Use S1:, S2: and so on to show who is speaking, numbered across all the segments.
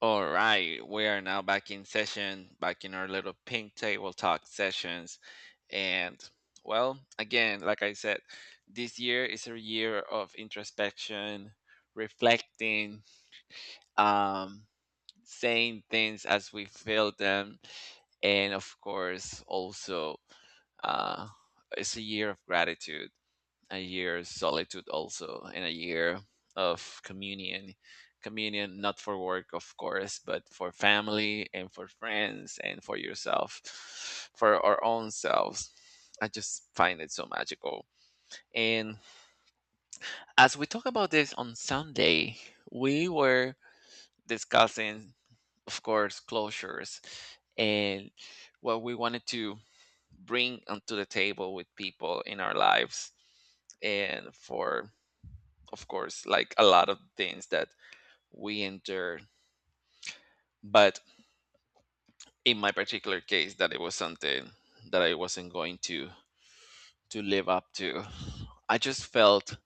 S1: All right, we are now back in session, back in our little pink table talk sessions. And well, again, like I said, this year is a year of introspection, reflecting, um, saying things as we feel them, and of course, also uh, it's a year of gratitude, a year of solitude also, and a year of communion. Communion not for work of course, but for family and for friends and for yourself, for our own selves. I just find it so magical. And as we talk about this on Sunday, we were discussing, of course, closures and what we wanted to bring onto the table with people in our lives. And for, of course, like a lot of things that we endure. But in my particular case, that it was something that I wasn't going to live up to. I just felt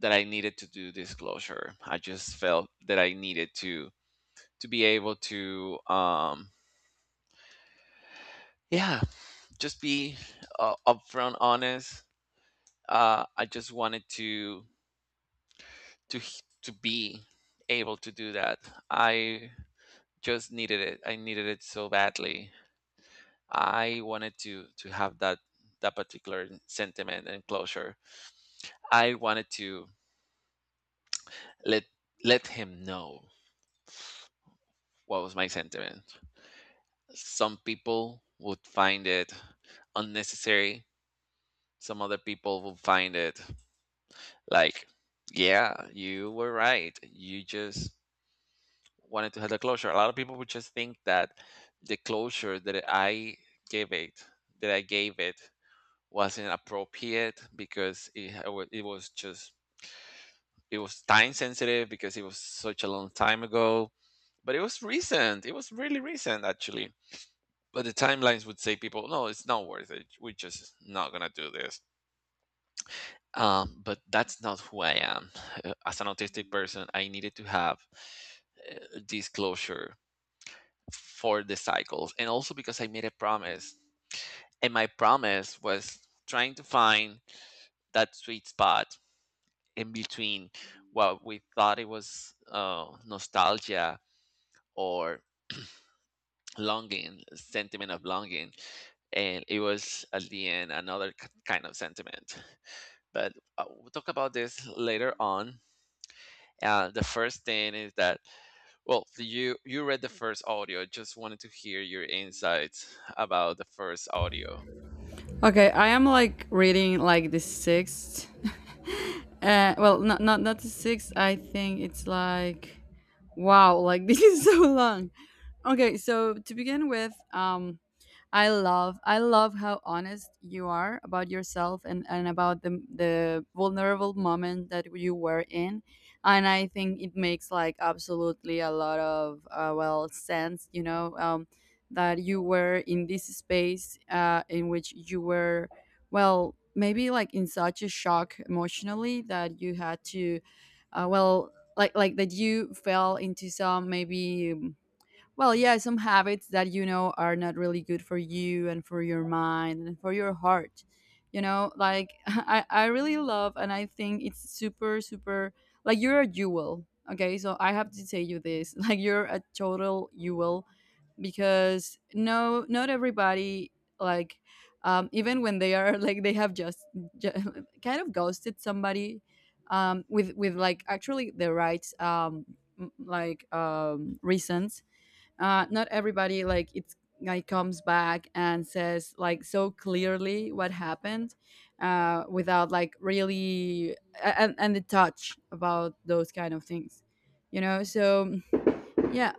S1: that I needed to do disclosure. I just felt that I needed to be able to yeah, just be upfront honest. I just wanted to be able to do that. I just needed it. I needed it so badly. I wanted to have that particular sentiment and closure. I wanted to let let him know what was my sentiment. Some people would find it unnecessary. Some other people would find it like, yeah, you were right. You just wanted to have the closure. A lot of people would just think that the closure that I gave it, that I gave it, wasn't appropriate because it was just, it was time sensitive because it was such a long time ago, but it was recent, it was really recent actually. But the timelines would say, people, no, it's not worth it, we're just not gonna do this. But that's not who I am. As an autistic person, I needed to have disclosure for the cycles, and also because I made a promise, and my promise was trying to find that sweet spot in between what we thought it was, nostalgia, or longing, sentiment of longing. And it was at the end another kind of sentiment. But we'll talk about this later on. The first thing is that, well, you read the first audio. Just wanted to hear your insights about the first audio.
S2: Okay, I am like reading like the sixth. Well, not the sixth. I think it's like, wow, like this is so long. Okay, so to begin with, I love how honest you are about yourself and about the vulnerable moment that you were in. And I think it makes like absolutely a lot of well sense, that you were in this space in which you were well maybe like in such a shock emotionally that you had to well like that you fell into some maybe well, yeah, some habits that you know are not really good for you and for your mind and for your heart. You know, like I really love, and I think it's super, super like you're a jewel. Okay, so I have to tell you this. Like you're a total jewel because no, not everybody like even when they are like they have just kind of ghosted somebody with like actually the right reasons, not everybody like it's like comes back and says like so clearly what happened, without like really and the touch about those kind of things, so yeah.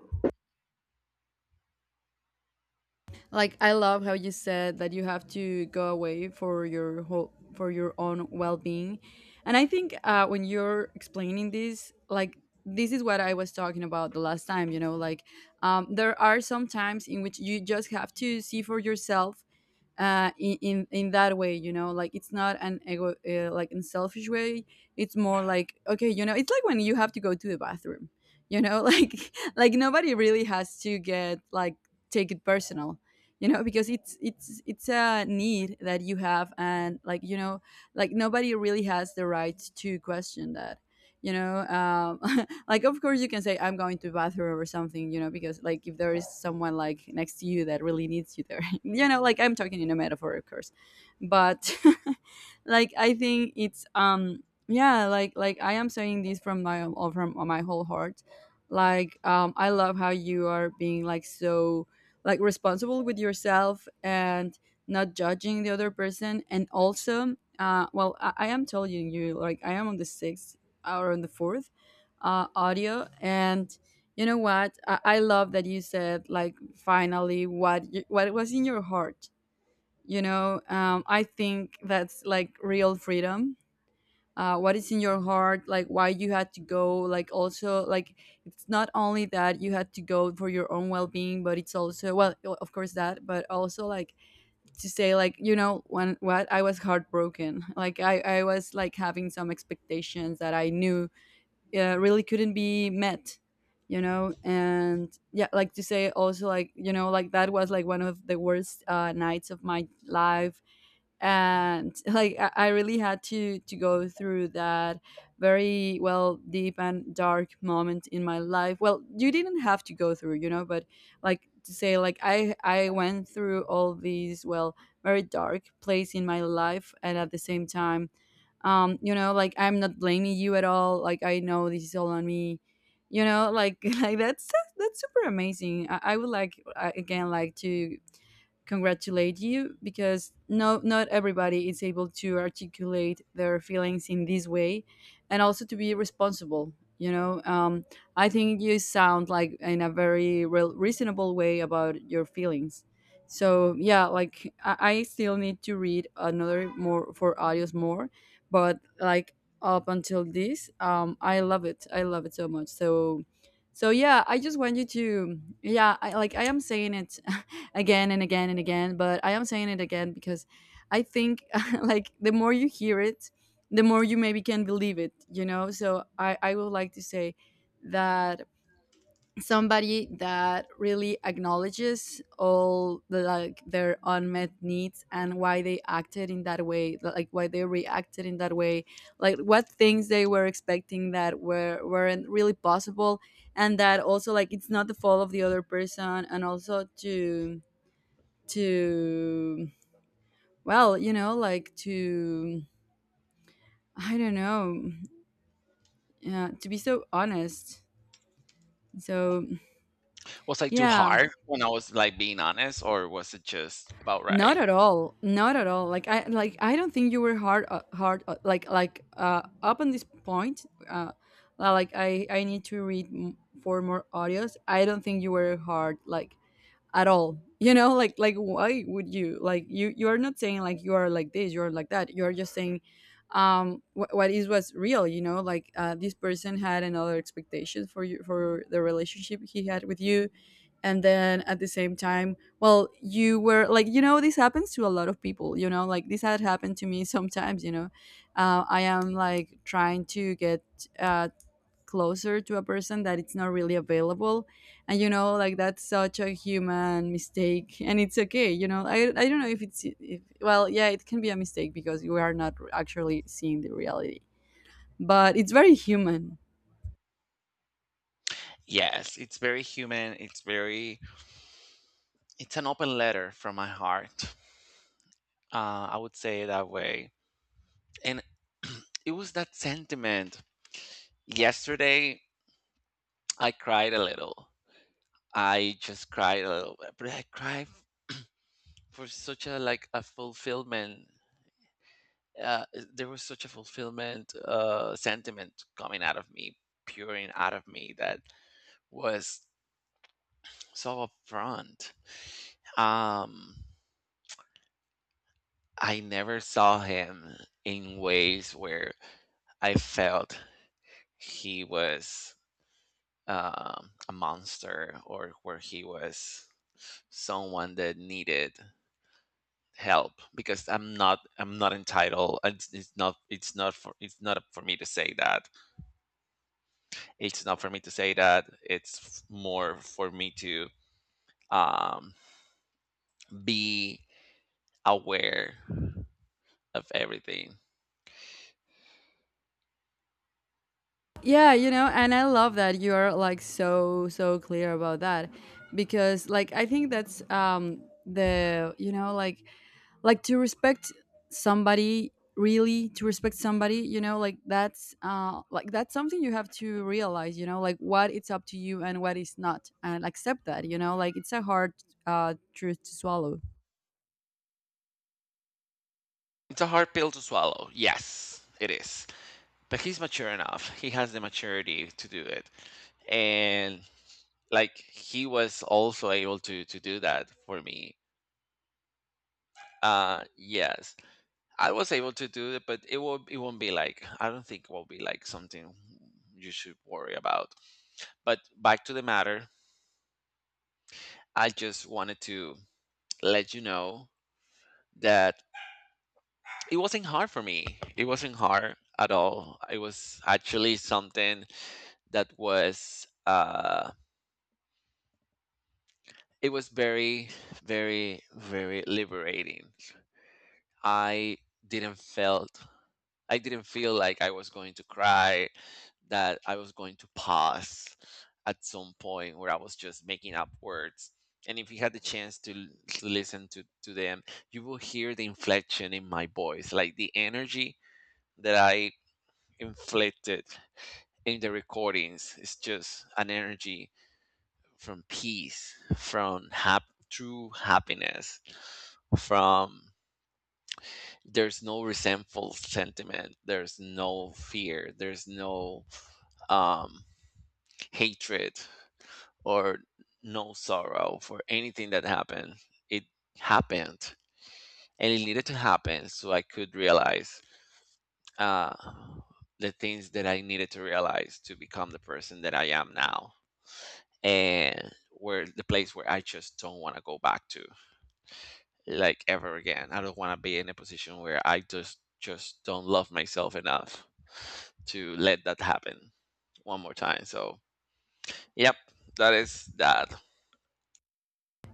S2: Like I love how you said that you have to go away for your whole for your own well-being. And I think when you're explaining this, like this is what I was talking about the last time, like there are some times in which you just have to see for yourself, in that way, you know, like it's not an ego, like in selfish way. It's more like okay, you know, it's like when you have to go to the bathroom, you know, like nobody really has to get like take it personal, you know, because it's a need that you have, and like you know, like nobody really has the right to question that, you know. Um, like of course you can say I'm going to bathroom or something, because like if there is someone like next to you that really needs you there like I'm talking in a metaphor, of course. But like I think it's yeah, like I am saying this from my or from my whole heart. Like I love how you are being like so like responsible with yourself and not judging the other person. And also, well, I am telling you, like I am on the sixth or on the fourth audio. And you know what, I love that you said like finally what was in your heart. I think that's like real freedom, what is in your heart. Like why you had to go, like also like it's not only that you had to go for your own well-being, but it's also, well, of course that, but also like to say like, you know, when what I was heartbroken. Like I was like having some expectations that I knew, yeah, really couldn't be met. And yeah, like to say also like, like that was like one of the worst, nights of my life. And like I really had to go through that very, well, deep and dark moment in my life. Well, you didn't have to go through. But like to say like, I went through all these, well, very dark place in my life. And at the same time, like I'm not blaming you at all. Like I know this is all on me. Like like that's super amazing. I would like, again, like to congratulate you, because no, not everybody is able to articulate their feelings in this way, and also to be responsible you know um, I think you sound like in a very real reasonable way about your feelings. So yeah, like I still need to read another more for audios more. But like up until this, I love it so much, so so yeah. I just want you to, yeah, like I am saying it again and again and again. But I am saying it again because I think like the more you hear it, the more you maybe can believe it. So I would like to say that somebody that really acknowledges like their unmet needs, and why they acted in that way, like why they reacted in that way, like what things they were expecting that weren't really possible, and that also, like, it's not the fault of the other person, and also to, to well, like, to, I don't know, yeah, to be so honest. So
S1: Was I too
S2: yeah,
S1: hard when I was like being honest, or was it just about
S2: not
S1: right?
S2: at all, not at all. Like I don't think you were hard, hard like, up on this point, like I need to read for more audios. I don't think you were hard like at all. You know, like, why would you? Like you are not saying like you are like this, you're like that, you're just saying wh- what is was real. You know, like, this person had another expectation for you, for the relationship he had with you. And then at the same time, well, you were like, this happens to a lot of people. Like this had happened to me sometimes. I am like trying to get, uh, closer to a person that it's not really available. And like that's such a human mistake and it's okay. I don't know if, it's if, well, yeah, it can be a mistake because we are not actually seeing the reality. But it's very human.
S1: Yes, it's very human. It's very, it's an open letter from my heart. I would say it that way. And it was that sentiment. Yesterday, I cried a little. I just cried a little, but I cried for such a like a fulfillment. Uh, there was such a fulfillment sentiment coming out of me, puring out of me, that was so upfront. Um, I never saw him in ways where I felt he was a monster, or where he was someone that needed help, because I'm not entitled. It's not up for me to say that. It's not for me to say that. More for me to um be aware of everything.
S2: Yeah, and I love that you are like so clear about that, because like I think that's, the you know like to respect somebody, really to respect somebody. You know, like that's, like, that's something you have to realize. You know, like what it's up to you and what is not, and accept that. Like it's a hard, truth to swallow.
S1: It's a hard pill to swallow, yes it is. But he's mature enough, he has the maturity to do it. And like, he was also able to do that for me. Uh yes, I was able to do it, but it will, it won't be like, I don't think it will be like something you should worry about. But back to the matter, I just wanted to let you know that it wasn't hard for me. It wasn't hard at all. It was actually something that was uh, it was very, very, very liberating. I didn't felt, I didn't feel like I was going to cry, that I was going to pause at some point where I was just making up words. And if you had the chance to listen to them, you will hear the inflection in my voice. Like the energy that I inflicted in the recordings is just an energy from peace, from true happiness, from, there's no resentful sentiment, there's no fear, there's no um, hatred or no sorrow for anything that happened. It happened, and it needed to happen so I could realize uh, the things that I needed to realize to become the person that I am now. And where the place where I just don't want to go back to, like ever again. I don't want to be in a position where I just don't love myself enough to let that happen one more time. So, yep, that is that.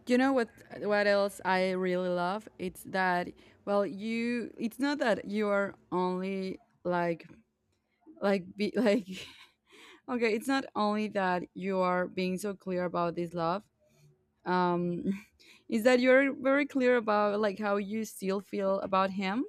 S2: You know what, else I really love? It's that, well, you it's not that you are only like like be like, okay, it's not only that you are being so clear about this love, um, is that you're very clear about like how you still feel about him.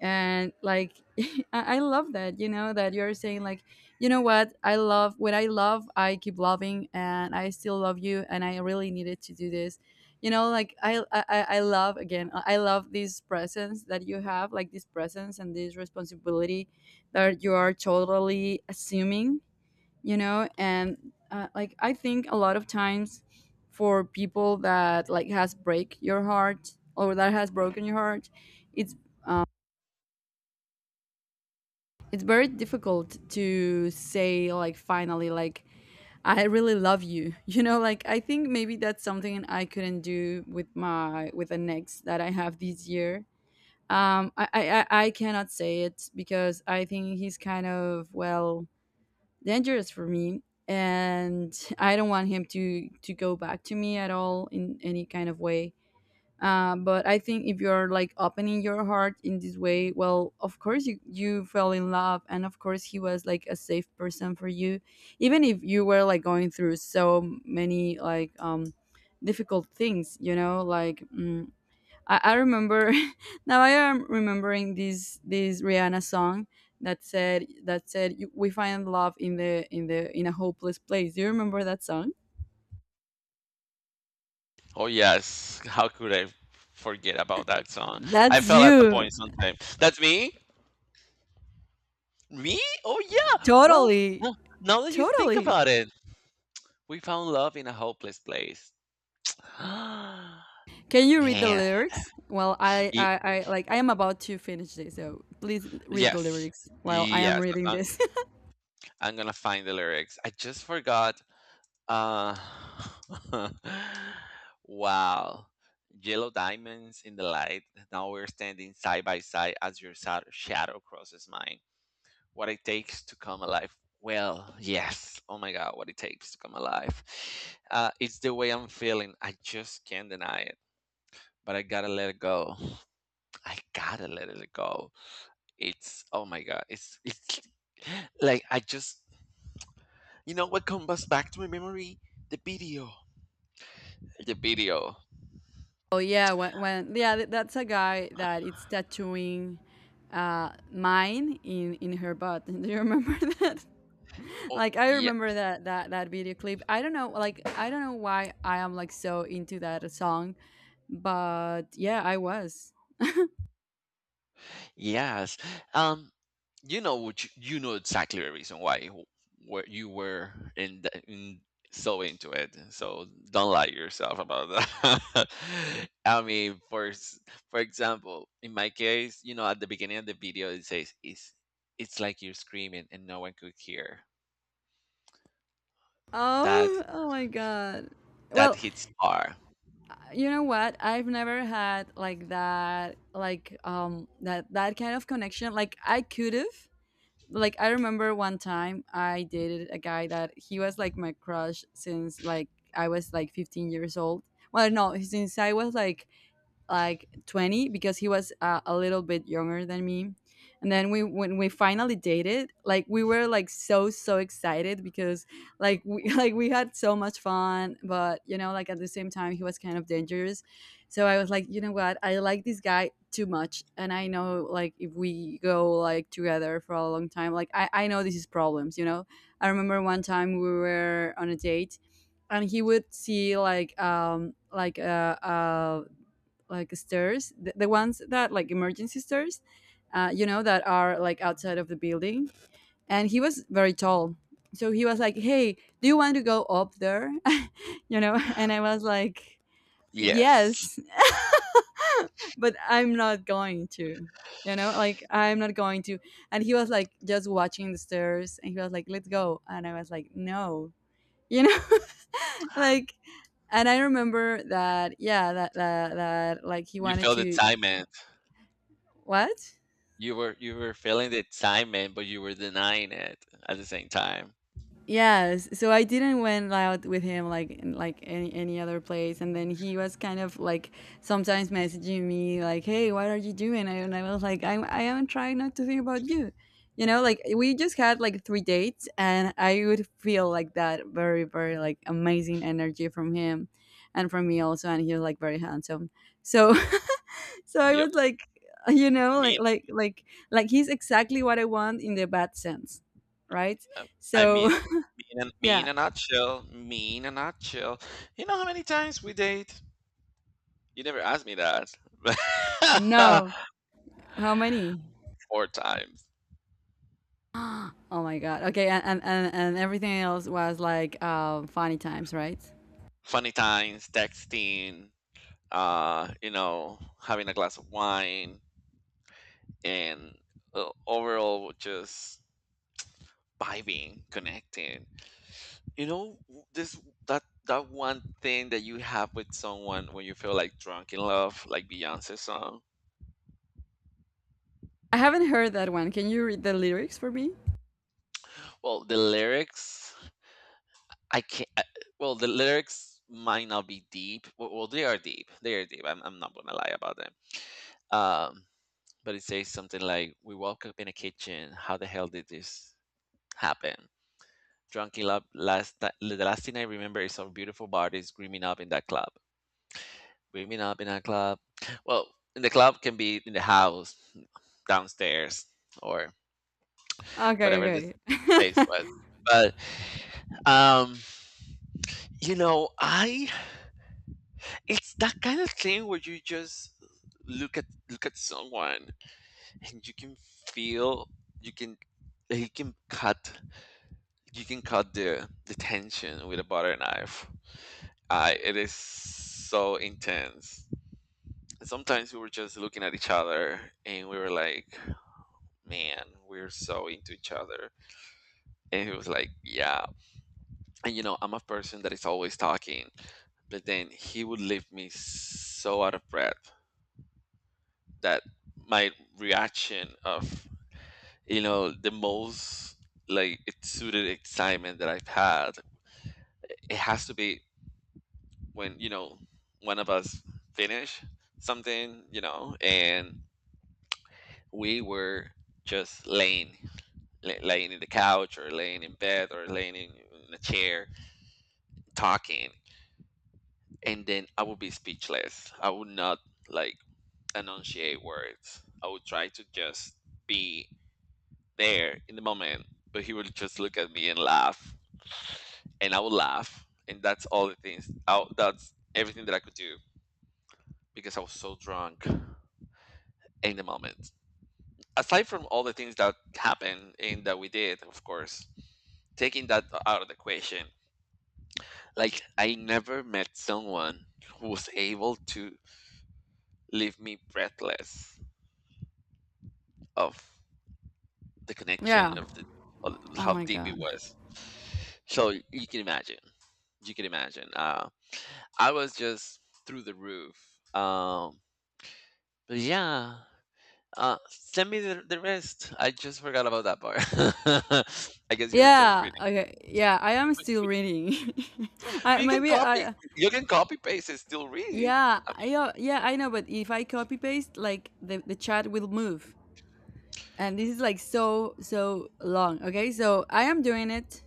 S2: And like, I love that you know that you're saying like, you know what I love, what I love, I keep loving, and I still love you, and I really needed to do this. You know, like, I love, again, I love this presence that you have, like this presence and this responsibility that you are totally assuming. And, like, I think a lot of times for people that like has break your heart, or that has broken your heart, it's it's very difficult to say like finally, like, I really love you. You know, like, I think maybe that's something I couldn't do with my with an ex that I have this year. I cannot say it because I think he's kind of, well, dangerous for me, and I don't want him to go back to me at all in any kind of way. But I think if you're like opening your heart in this way, well, of course you fell in love, and of course he was like a safe person for you, even if you were like going through so many like difficult things. I remember now. I am remembering this Rihanna song that said, "We find love in a hopeless place." Do you remember that song?
S1: Oh yes, how could I forget about that song? I
S2: That's
S1: fell at that
S2: you.
S1: point sometime. That's me? Me? Oh yeah. Well,
S2: Totally.
S1: no- now that you think
S2: Totally.
S1: about it, we found love in a hopeless place. Man,
S2: Can you read the lyrics? Well, I,
S1: y-
S2: I, I like I am about to finish this, so please read the
S1: yes.
S2: lyrics while I am
S1: Yes,
S2: reading this.
S1: I'm gonna find the lyrics. I just forgot. Uh, wow. Yellow diamonds in the light. Now we're standing side by side as your shadow crosses mine. What it takes to come alive. Well, yes. Oh my God, what it takes to come alive. It's the way I'm feeling. I just can't deny it. But I gotta let it go. I gotta let it go. It's, oh my God. It's like I just, you know what comes back to my memory? The video. The video.
S2: Oh yeah, when yeah, that's a guy that it's tattooing, mine in her butt. Do you remember that?
S1: Oh,
S2: Like I
S1: yeah,
S2: remember that video clip. I don't know, like I don't know why I am like so into that song, but yeah, I was.
S1: yes. Um, you know, which you know exactly the reason why where you were in, the, in, so into it. So don't lie yourself about that. I mean, for example, in my case, you know, at the beginning of the video, it says it's like you're screaming and no one could hear. That
S2: Oh, oh my God.
S1: that
S2: Well,
S1: hits hard.
S2: you know what? I've never had like that, like that kind of connection. Like I remember one time I dated a guy that he was like my crush since like I was like 15 years old. Well, no, since I was like 20 because he was a little bit younger than me. And then we when we finally dated, like we were like so so excited because like we like we had so much fun, but like at the same time he was kind of dangerous. So I was like, you know what? I like this guy too much, and I know like if we go like together for a long time, like I know this is problems. I remember one time we were on a date, and he would see like like stairs, the ones that like emergency stairs, that are like outside of the building. And he was very tall. So he was like, "Hey, do you want to go up there?" And I was like,
S1: Yes,
S2: "Yes," but I'm not going to. Like I'm not going to. And he was like just watching the stairs, and he was like, "Let's go." And I was like, "No," you know, like, and I remember that, yeah, that, like he
S1: you
S2: wanted
S1: feel the
S2: to,
S1: excitement.
S2: what?
S1: You were feeling the excitement, but you were denying it at the same time.
S2: Yes, so I didn't went out with him like like any other place, and then he was kind of like sometimes messaging me like, "Hey, what are you doing?" And I was like, "I am trying not to think about you," you know. Like we just had like three dates, and I would feel like that very very like amazing energy from him, and from me also, and he was like very handsome. So so I
S1: Yep.
S2: was like, you know, like
S1: Me,
S2: like like like he's exactly what I want in the bad sense, right?
S1: in- I
S2: So
S1: mean, me
S2: yeah.
S1: in a nutshell, me in a nutshell. You know how many times we date? You never asked me that.
S2: No. How many?
S1: Four times.
S2: Oh my god. Okay, and everything else was like funny times, right?
S1: Funny times, texting, you know, having a glass of wine, and overall just vibing, connecting. You know, this, that, that one thing that you have with someone when you feel like drunk in love, like Beyonce's song.
S2: I haven't heard that one. Can you read the lyrics for me?
S1: Well, the lyrics I can't. I, well, the lyrics might not be deep. Well, well, they are deep. They are deep. I'm not gonna lie about them. Um, but it says something like, "We woke up in a kitchen. How the hell did this happen? Drunk in love. Last the last thing I remember is our beautiful bodies screaming up in that club." Screaming up in that club. Well, in the club can be in the house, downstairs, or
S2: Okay,
S1: whatever this
S2: okay.
S1: place was. But um, you know, I, it's that kind of thing where you just look at, look at someone, and you can feel, you can like, you can cut the tension with a butter knife. It is so intense. And sometimes we were just looking at each other and we were like, man, we're so into each other. And he was like, yeah. And you know, I'm a person that is always talking, but then he would leave me so out of breath that my reaction of, you know, the most like it suited excitement that I've had. It has to be when you know one of us finish something, you know, and we were just laying, laying in the couch, or laying in bed, or laying in a chair talking, and then I would be speechless. I would not like enunciate words. I would try to just be there in the moment, but he would just look at me and laugh, and I would laugh, and that's all the things. I, that's everything that I could do, because I was so drunk in the moment. Aside from all the things that happened and that we did, of course, taking that out of the equation, like I never met someone who was able to leave me breathless of the connection
S2: yeah.
S1: of the, of
S2: Oh
S1: how
S2: my
S1: deep
S2: god.
S1: it was. So you can imagine, you can imagine. I was just through the roof. Um, but yeah, send me the rest. I just forgot about that part. I guess you were just reading,
S2: Yeah. Okay. Yeah, I am
S1: but,
S2: still
S1: but,
S2: reading. I
S1: but you can
S2: maybe
S1: copy.
S2: I
S1: You can copy paste and still read it.
S2: yeah,
S1: I mean,
S2: I yeah, I know, but if I copy paste like the chat will move. And this is like so so long, okay? So I am doing it.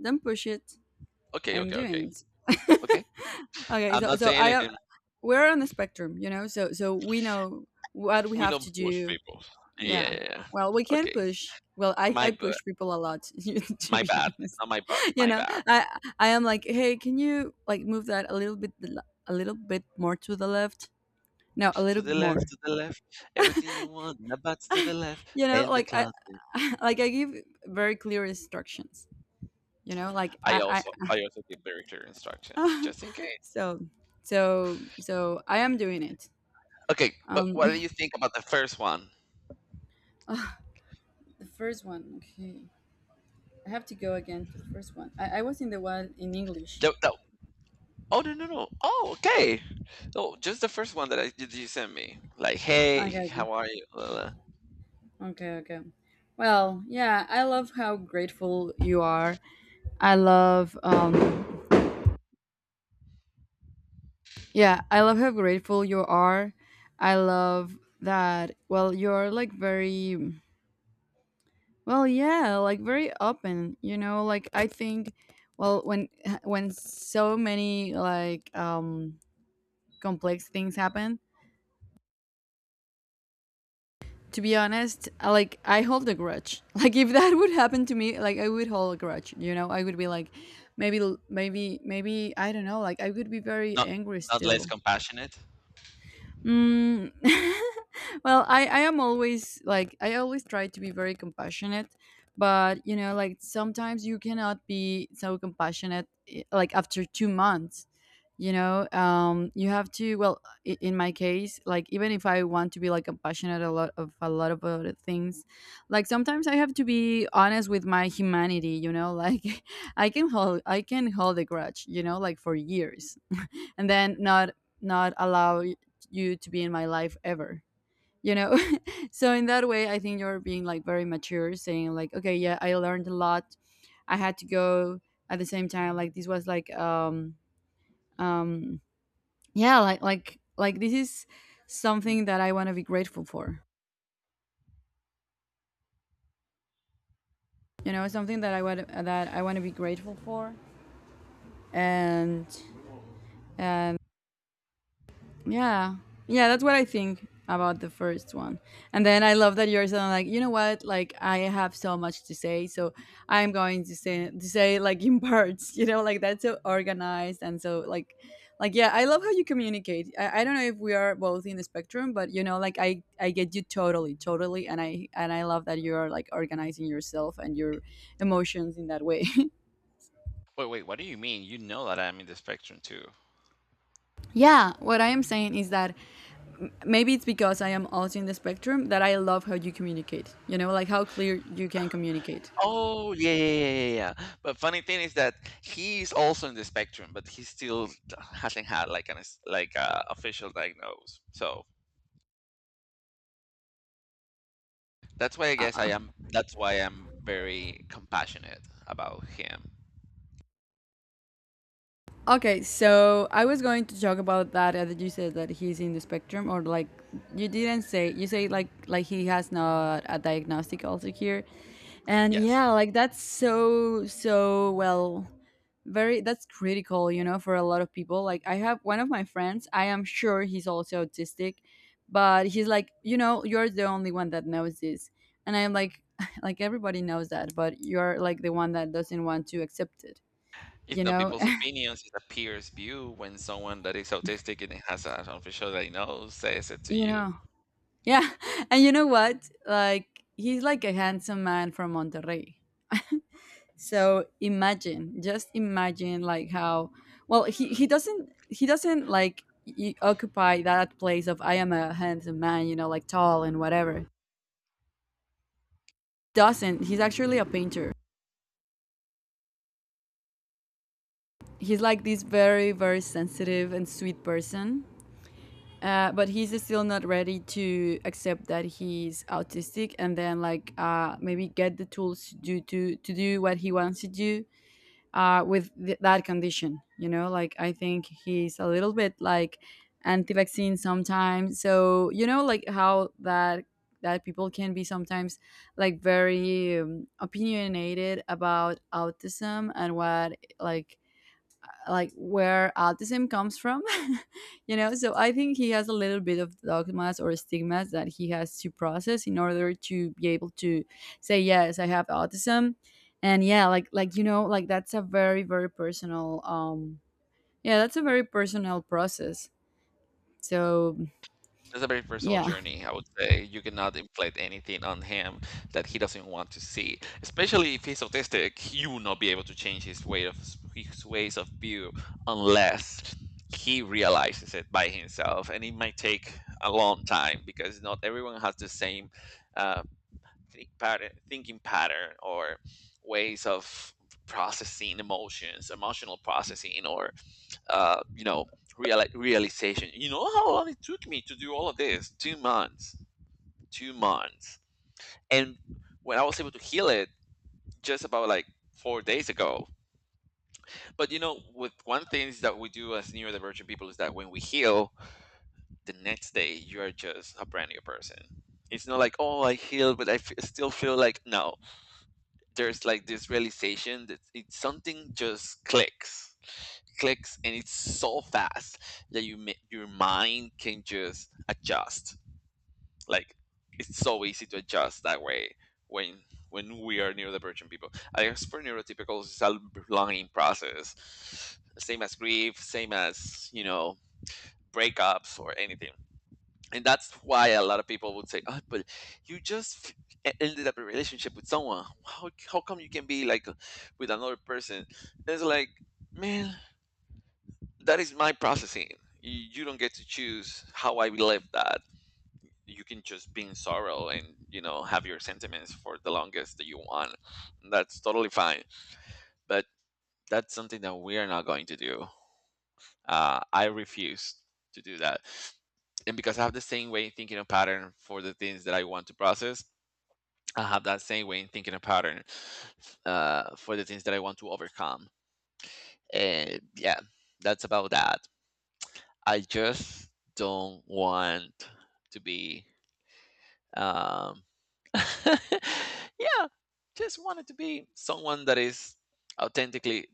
S2: Don't push it. I
S1: okay,
S2: am
S1: okay, okay,
S2: doing it.
S1: okay.
S2: okay,
S1: I'm
S2: so
S1: not
S2: so
S1: saying anything.
S2: we're on the spectrum. So we know what we
S1: We
S2: have
S1: don't
S2: to
S1: push
S2: do.
S1: people. Yeah,
S2: Yeah.
S1: yeah, yeah.
S2: Well, we can
S1: Okay,
S2: push. Well, I,
S1: my
S2: I
S1: bad,
S2: push people a lot to
S1: my
S2: be
S1: bad,
S2: honest.
S1: not my butt,
S2: You
S1: my
S2: know,
S1: bad.
S2: I I am like, "Hey, can you like move that a little bit more to the left? No, a
S1: To
S2: little
S1: the
S2: bit
S1: left,
S2: more."
S1: to the left. Everything you want, the butts to the left, and the
S2: Like I
S1: closet.
S2: like I give very clear instructions. Like
S1: I
S2: I
S1: also, I also give very clear instructions
S2: I
S1: just in case.
S2: so so I am doing it.
S1: Okay, but what do
S2: Um,
S1: you think about the first one?
S2: Ah, the first one. Okay. I have to go again to the first one. I was in the one in English.
S1: The, the, oh, no, no, no! Oh, okay. Oh, just the first one that I did you sent me. Like, hey,
S2: Okay, okay.
S1: how are you? Blah, blah.
S2: Okay, okay. Well, yeah, I love how grateful you are. I love how grateful you are. I love that, well, you're like very, well, yeah, like very open, you know, like I think, well, when so many like complex things happen, to be honest, like I hold a grudge. Like if that would happen to me, like I would hold a grudge. You know, I would be like, maybe, maybe I don't know. Like I would be very
S1: Not
S2: angry
S1: not less
S2: still.
S1: compassionate.
S2: Mm. well, I am always like I always try to be very compassionate, but like sometimes you cannot be so compassionate like after 2 months. You have to, in my case, like even if I want to be like a passionate a lot of other things, like sometimes I have to be honest with my humanity. I can hold a grudge like for years, and then not allow you to be in my life, ever. you know so in that way I think you're being like very mature, saying like, okay, yeah, I learned a lot. I had to go. At the same time, like this was like um yeah, like this is something that I want to be grateful for, you know, something that I want to be grateful for. And uh, yeah. Yeah, that's what I think about the first one. And then I love that you're saying like, "You know what? Like I have so much to say, so I'm going to say like in parts." Like that's so organized and so like yeah, I love how you communicate. I don't know if we are both in the spectrum, but like I get you totally, totally, and I love that you're like organizing yourself and your emotions in that way.
S1: Wait, wait, what do you mean? You know that I'm in the spectrum too.
S2: yeah, what I am saying is that maybe it's because I am also in the spectrum that I love how you communicate. Like how clear you can communicate.
S1: Oh, yeah, yeah, yeah, yeah, yeah. But funny thing is that he's also in the spectrum, but he still hasn't had like an like a official diagnose. So that's why I guess I am. That's why I'm very compassionate about him.
S2: Okay, so I was going to talk about that. That you said that he's in the spectrum, or like you didn't say. You say like he has not a diagnostic also here, and
S1: Yes,
S2: yeah, like that's so so well, very, that's critical, for a lot of people. Like I have one of my friends. I am sure he's also autistic, but he's like, "You're the only one that knows this," and I'm like, like everybody knows that, but you're like the one that doesn't want to accept it,
S1: it's
S2: you
S1: not
S2: know,
S1: people's opinions; it's a peer's view. When someone that is autistic and has an official that he knows says it to
S2: you
S1: you,
S2: know. Yeah, and you know what? Like he's like a handsome man from Monterrey. So imagine, just imagine like how well he
S1: "Hmm,
S2: he doesn't he doesn't like occupy that place of "I am a handsome man," like tall and whatever. Doesn't. He's actually a painter. He's like this very very sensitive and sweet person. But he's still not ready to accept that he's autistic, and then like maybe get the tools to do to do what he wants to do with that condition. Like I think he's a little bit like anti-vaccine sometimes. So like how that people can be sometimes like very opinionated about autism and what like where autism comes from. So I think he has a little bit of dogmas or stigmas that he has to process in order to be able to say, "Yes, I have autism." And yeah, like like that's a very very personal yeah, that's a very personal process. So
S1: that's a very personal
S2: yeah,
S1: journey. I would say you cannot inflict anything on him that he doesn't want to see. Especially if he's autistic, you will not be able to change his ways of view unless he realizes it by himself, and it might take a long time because not everyone has the same uh, think pattern, thinking pattern, or ways of processing emotions, emotional processing, or you know, reali realization. You know how long it took me to do all of this? 2 months. 2 months. And when I was able to heal it, just about like 4 days ago. But you know, with one thing that we do as neurodivergent people is that when we heal, the next day you are just a brand new person. It's not like, oh, I healed, but I still feel like, no, there's like this realization that it's something, just clicks. Clicks. And it's so fast that your mind can just adjust. Like, it's so easy to adjust that way when when we are neurodivergent people. As for neurotypicals, it's a learning process, same as grief, same as, you know, breakups or anything. And that's why a lot of people would say, oh, but you just ended up a relationship with someone. How come you can be like with another person? It's like, man, that is my processing. You don't get to choose how I live that. You can just be in sorrow and, you know, have your sentiments for the longest that you want. That's totally fine. But that's something that we are not going to do. I refuse to do that. And because I have the same way thinking of pattern for the things that I want to process, I have that same way in thinking a pattern for the things that I want to overcome. And yeah, that's about that. I just don't want to be, um yeah, just wanted to be someone that is authentically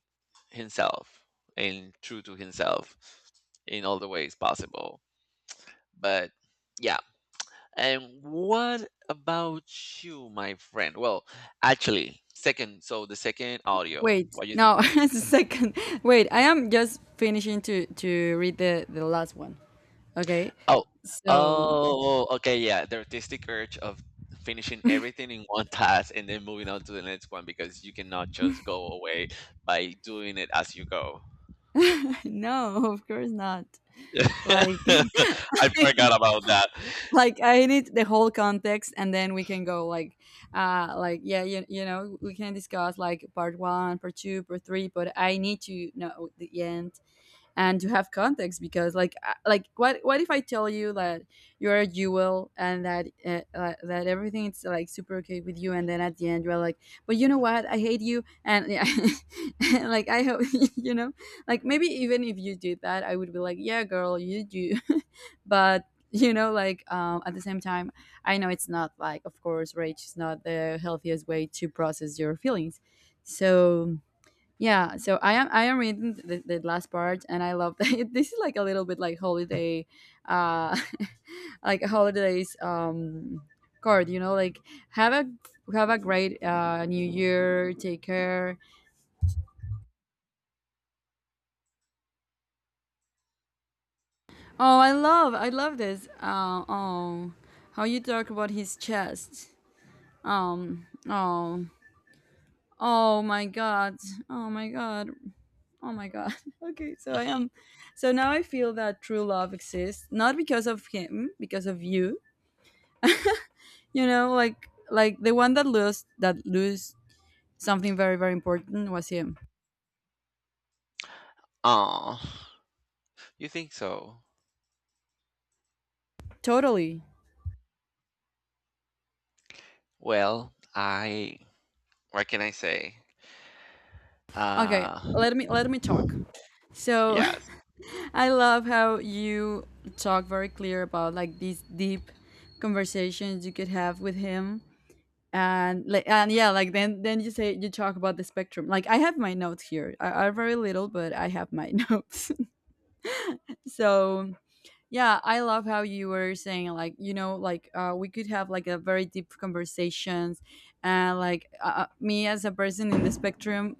S1: himself and true to himself in all the ways possible. But yeah. And what about you, my friend? Well, actually, second, so the second audio,
S2: wait,
S1: what you think?
S2: no. it's a second. Wait, I am just finishing to read the last one, okay?
S1: Oh,
S2: So
S1: oh, okay, yeah, the artistic urge of finishing everything in one task and then moving on to the next one because you cannot just go away by doing it as you go.
S2: no, of course not, like
S1: I forgot about that.
S2: like I need the whole context, and then we can go like yeah, you know we can discuss like part one, part two, part three, but I need to know the end and to have context, because like what if I tell you that you're a jewel, and that that everything is like super okay with you, and then at the end you're like, "But you know what? I hate you." And yeah, like I hope you know like maybe even if you did that, I would be like, "Yeah, girl, you do." but like at the same time, I know it's not like, of course, rage is not the healthiest way to process your feelings. So yeah, so I am reading the last part, and I love that this is like a little bit like holiday, uh, like a holidays card. Like have a have a great New Year. Take care. Oh, I love this. Oh, how you talk about his chest. Oh. Oh my God. Oh my God. Oh my god. Okay, so I
S1: Mhm.
S2: am. So now I feel that true love exists, not because of him, because of you. Like the one that lost that lose something very very important was him.
S1: Oh, you think so?
S2: Totally.
S1: Well, I, what can I say?
S2: Okay,
S1: Uh,
S2: let me talk. So
S1: yes,
S2: I love how you talk very clear about like these deep conversations you could have with him and like and yeah like then you say you talk about the spectrum, like I have my notes here. I are very little, but I have my notes. So yeah, I love how you were saying, like, you know, like we could have like a very deep conversations. And like me as a person in the spectrum,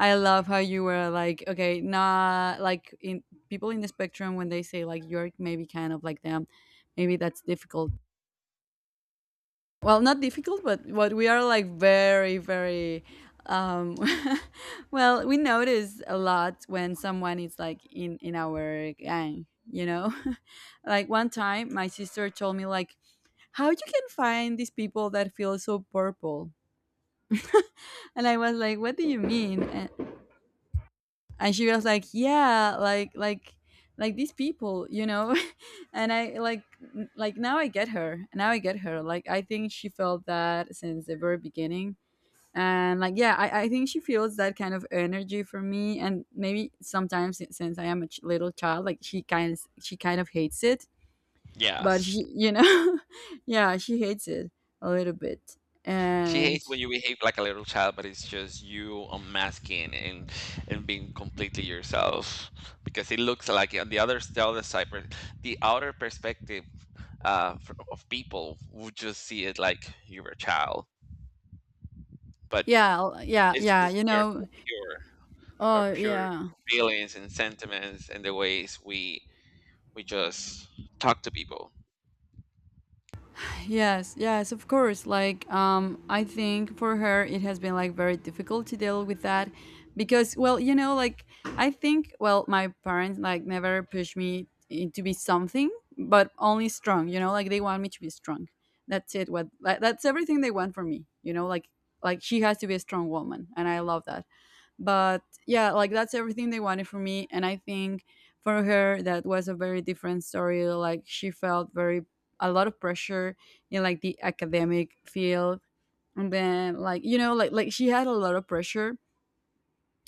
S2: I love how you were like, okay, nah, like in people in the spectrum when they say like you're maybe kind of like them, maybe that's difficult. Well, not difficult, but what we are like very very um well, we notice a lot when someone is like in our gang. Like one time my sister told me like how you can find these people that feel so purple. And I was like, what do you mean? And she was like, yeah, like like these people, you know. And I like now I get her. Like, I think she felt that since the very beginning. And like, yeah, I think she feels that kind of energy from me, and maybe sometimes since I am a little child, like she kind of hates it. But
S1: yes.
S2: she, yeah, she hates it a little bit.
S1: She hates
S2: And
S1: when you behave like a little child, but it's just you unmasking and being completely yourself, because it looks like on the other side, the outer perspective, of people would just see it like you're a child, but
S2: yeah, yeah,
S1: it's
S2: yeah,
S1: just
S2: you
S1: we're so
S2: know.
S1: pure, our
S2: Oh,
S1: pure
S2: yeah.
S1: feelings and sentiments and the ways we just talk to people.
S2: Yes, yes, of course. Like, I think for her it has been like very difficult to deal with that because, well, like I think, well, my parents like never pushed me to be something, but only strong. Like they want me to be strong. That's it. What like, that's everything they want from me. Like she has to be a strong woman, and I love that. But yeah, like that's everything they wanted from me. And I think for her that was a very different story. Like, she felt very a lot of pressure in like the academic field. And then like, like she had a lot of pressure.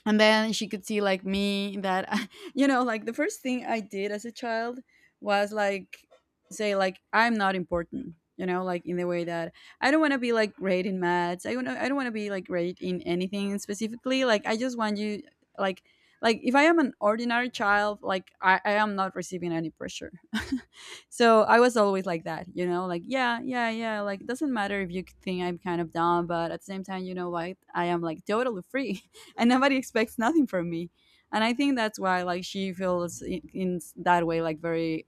S2: And then she could see like me that you know, like the first thing I did as a child was like say, like, I'm not important. Like in the way that I don't want to be like great in maths. I don't want to be like great in anything specifically. Like, I just want you. like like if I am an ordinary child, like I am not receiving any pressure. So I was always like that, like, yeah, yeah, yeah. Like, doesn't matter if you think I'm kind of dumb, but at the same time, you know what? I am like totally free. And nobody expects nothing from me. And I think that's why like she feels in that way like very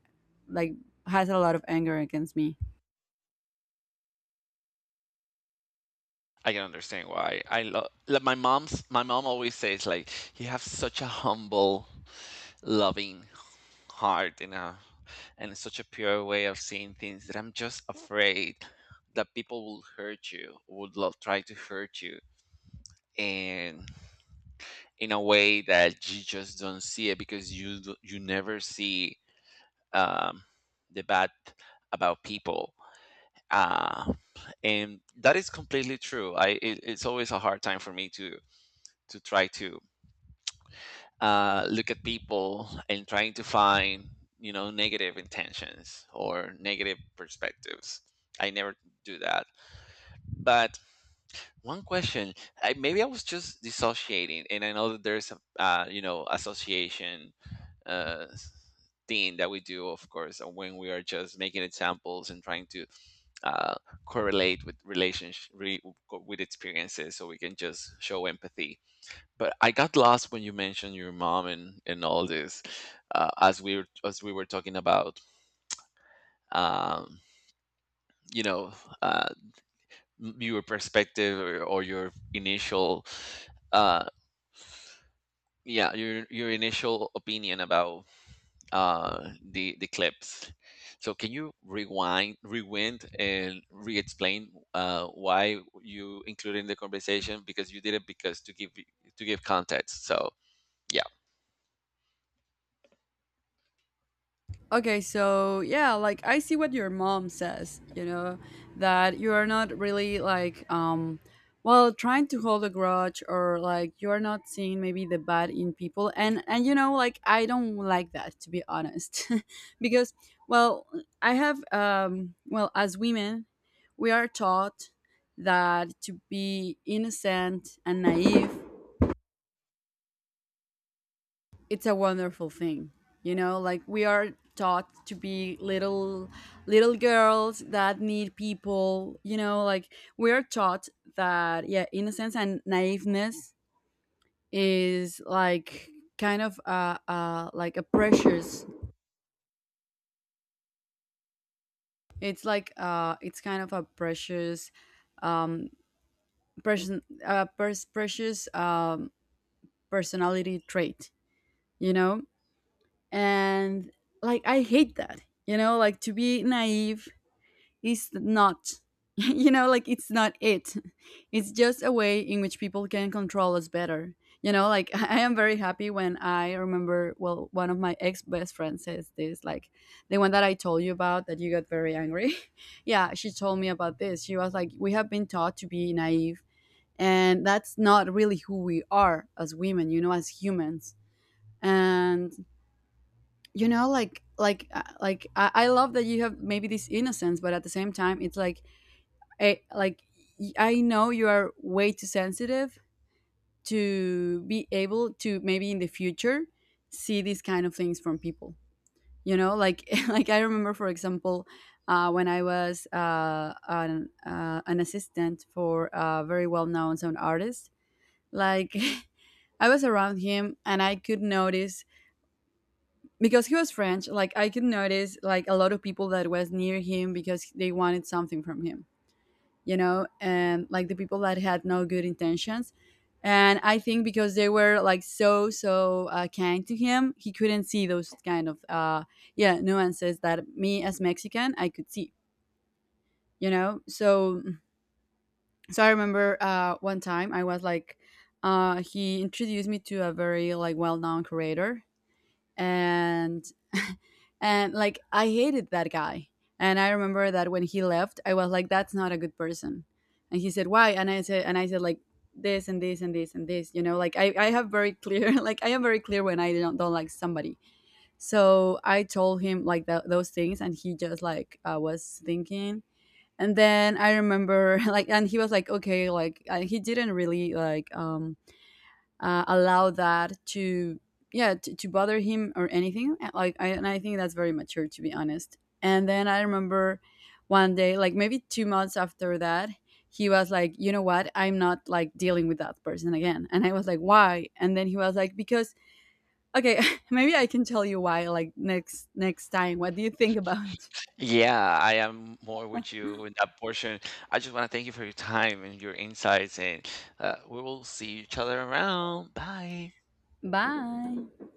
S2: like has a lot of anger against me.
S1: I can understand why. I love, like, my mom's. My mom always says like, "You have such a humble, loving hard in a and it's such a pure way of seeing things that I'm just afraid that people will hurt you, would love try to hurt you, and in a way that you just don't see it because you never see um, the bad about people, uh, and that is completely true. I it, it's always a hard time for me to try to look at people and trying to find, you know, negative intentions or negative perspectives. I never do that. But one question, maybe I was just dissociating, and I know that there's a, you know, association uh, thing that we do, of course, and when we are just making examples and trying to uh, correlate with relationship with experiences so we can just show empathy. But I got lost when you mentioned your mom and all this, as we were talking about, um, you know, uh, your perspective, or your initial, uh, yeah, your initial opinion about the clips. So can you rewind, rewind, and re-explain why you included in the conversation? Because you did it because to give context. So yeah.
S2: Okay, so yeah, like I see what your mom says, that you are not really like well, trying to hold a grudge, or like you're not seeing maybe the bad in people. And like I don't like that, to be honest. Because, well, I have well, as women, we are taught that to be innocent and naive, it's a wonderful thing. Like we are taught to be little, little girls that need people. Like we are taught that, yeah, innocence and naiveness is like kind of like a precious. It's like it's kind of a precious um person precious personality trait, you know and like I hate that. Like to be naive is not like it's not it's just a way in which people can control us better. Like I am very happy when I remember, well, one of my ex best friends says this. Like, the one that I told you about, that you got very angry. Yeah, she told me about this. She was like, we have been taught to be naive, and that's not really who we are as women, as humans. And like like I love that you have maybe this innocence, but at the same time, it's like like I know you are way too sensitive to be able to maybe in the future see these kind of things from people. Like like I remember, for example, when I was an assistant for a very well known sound artist, like. I was around him, and I could notice because he was French. Like, I could notice like a lot of people that was near him because they wanted something from him, and like the people that had no good intentions. And I think because they were like so, so kind to him, he couldn't see those kind of yeah, nuances that me as Mexican I could see. So so I remember one time he introduced me to a very like well known creator, and and like I hated that guy. And I remember that when he left, I was like, "That's not a good person." And he said, "Why?" "And I said like this and this and this and this." Like I have very clear, like I am very clear when I don't like somebody. So I told him like those things, and he just like was thinking. And then I remember like, and he was like, "Okay." Like, he didn't really like allow that to, yeah, to bother him or anything. Like, and I think that's very mature, to be honest. And then I remember one day, like maybe 2 months after that, he was like, you know what, I'm not like dealing with that person again. And I was like, why? And then he was like, because, okay. Maybe I can tell you why like next time. What do you think about?
S1: Yeah, I am more with you in that portion. I just want to thank you for your time and your insights, and we will see each other around. Bye.
S2: Bye.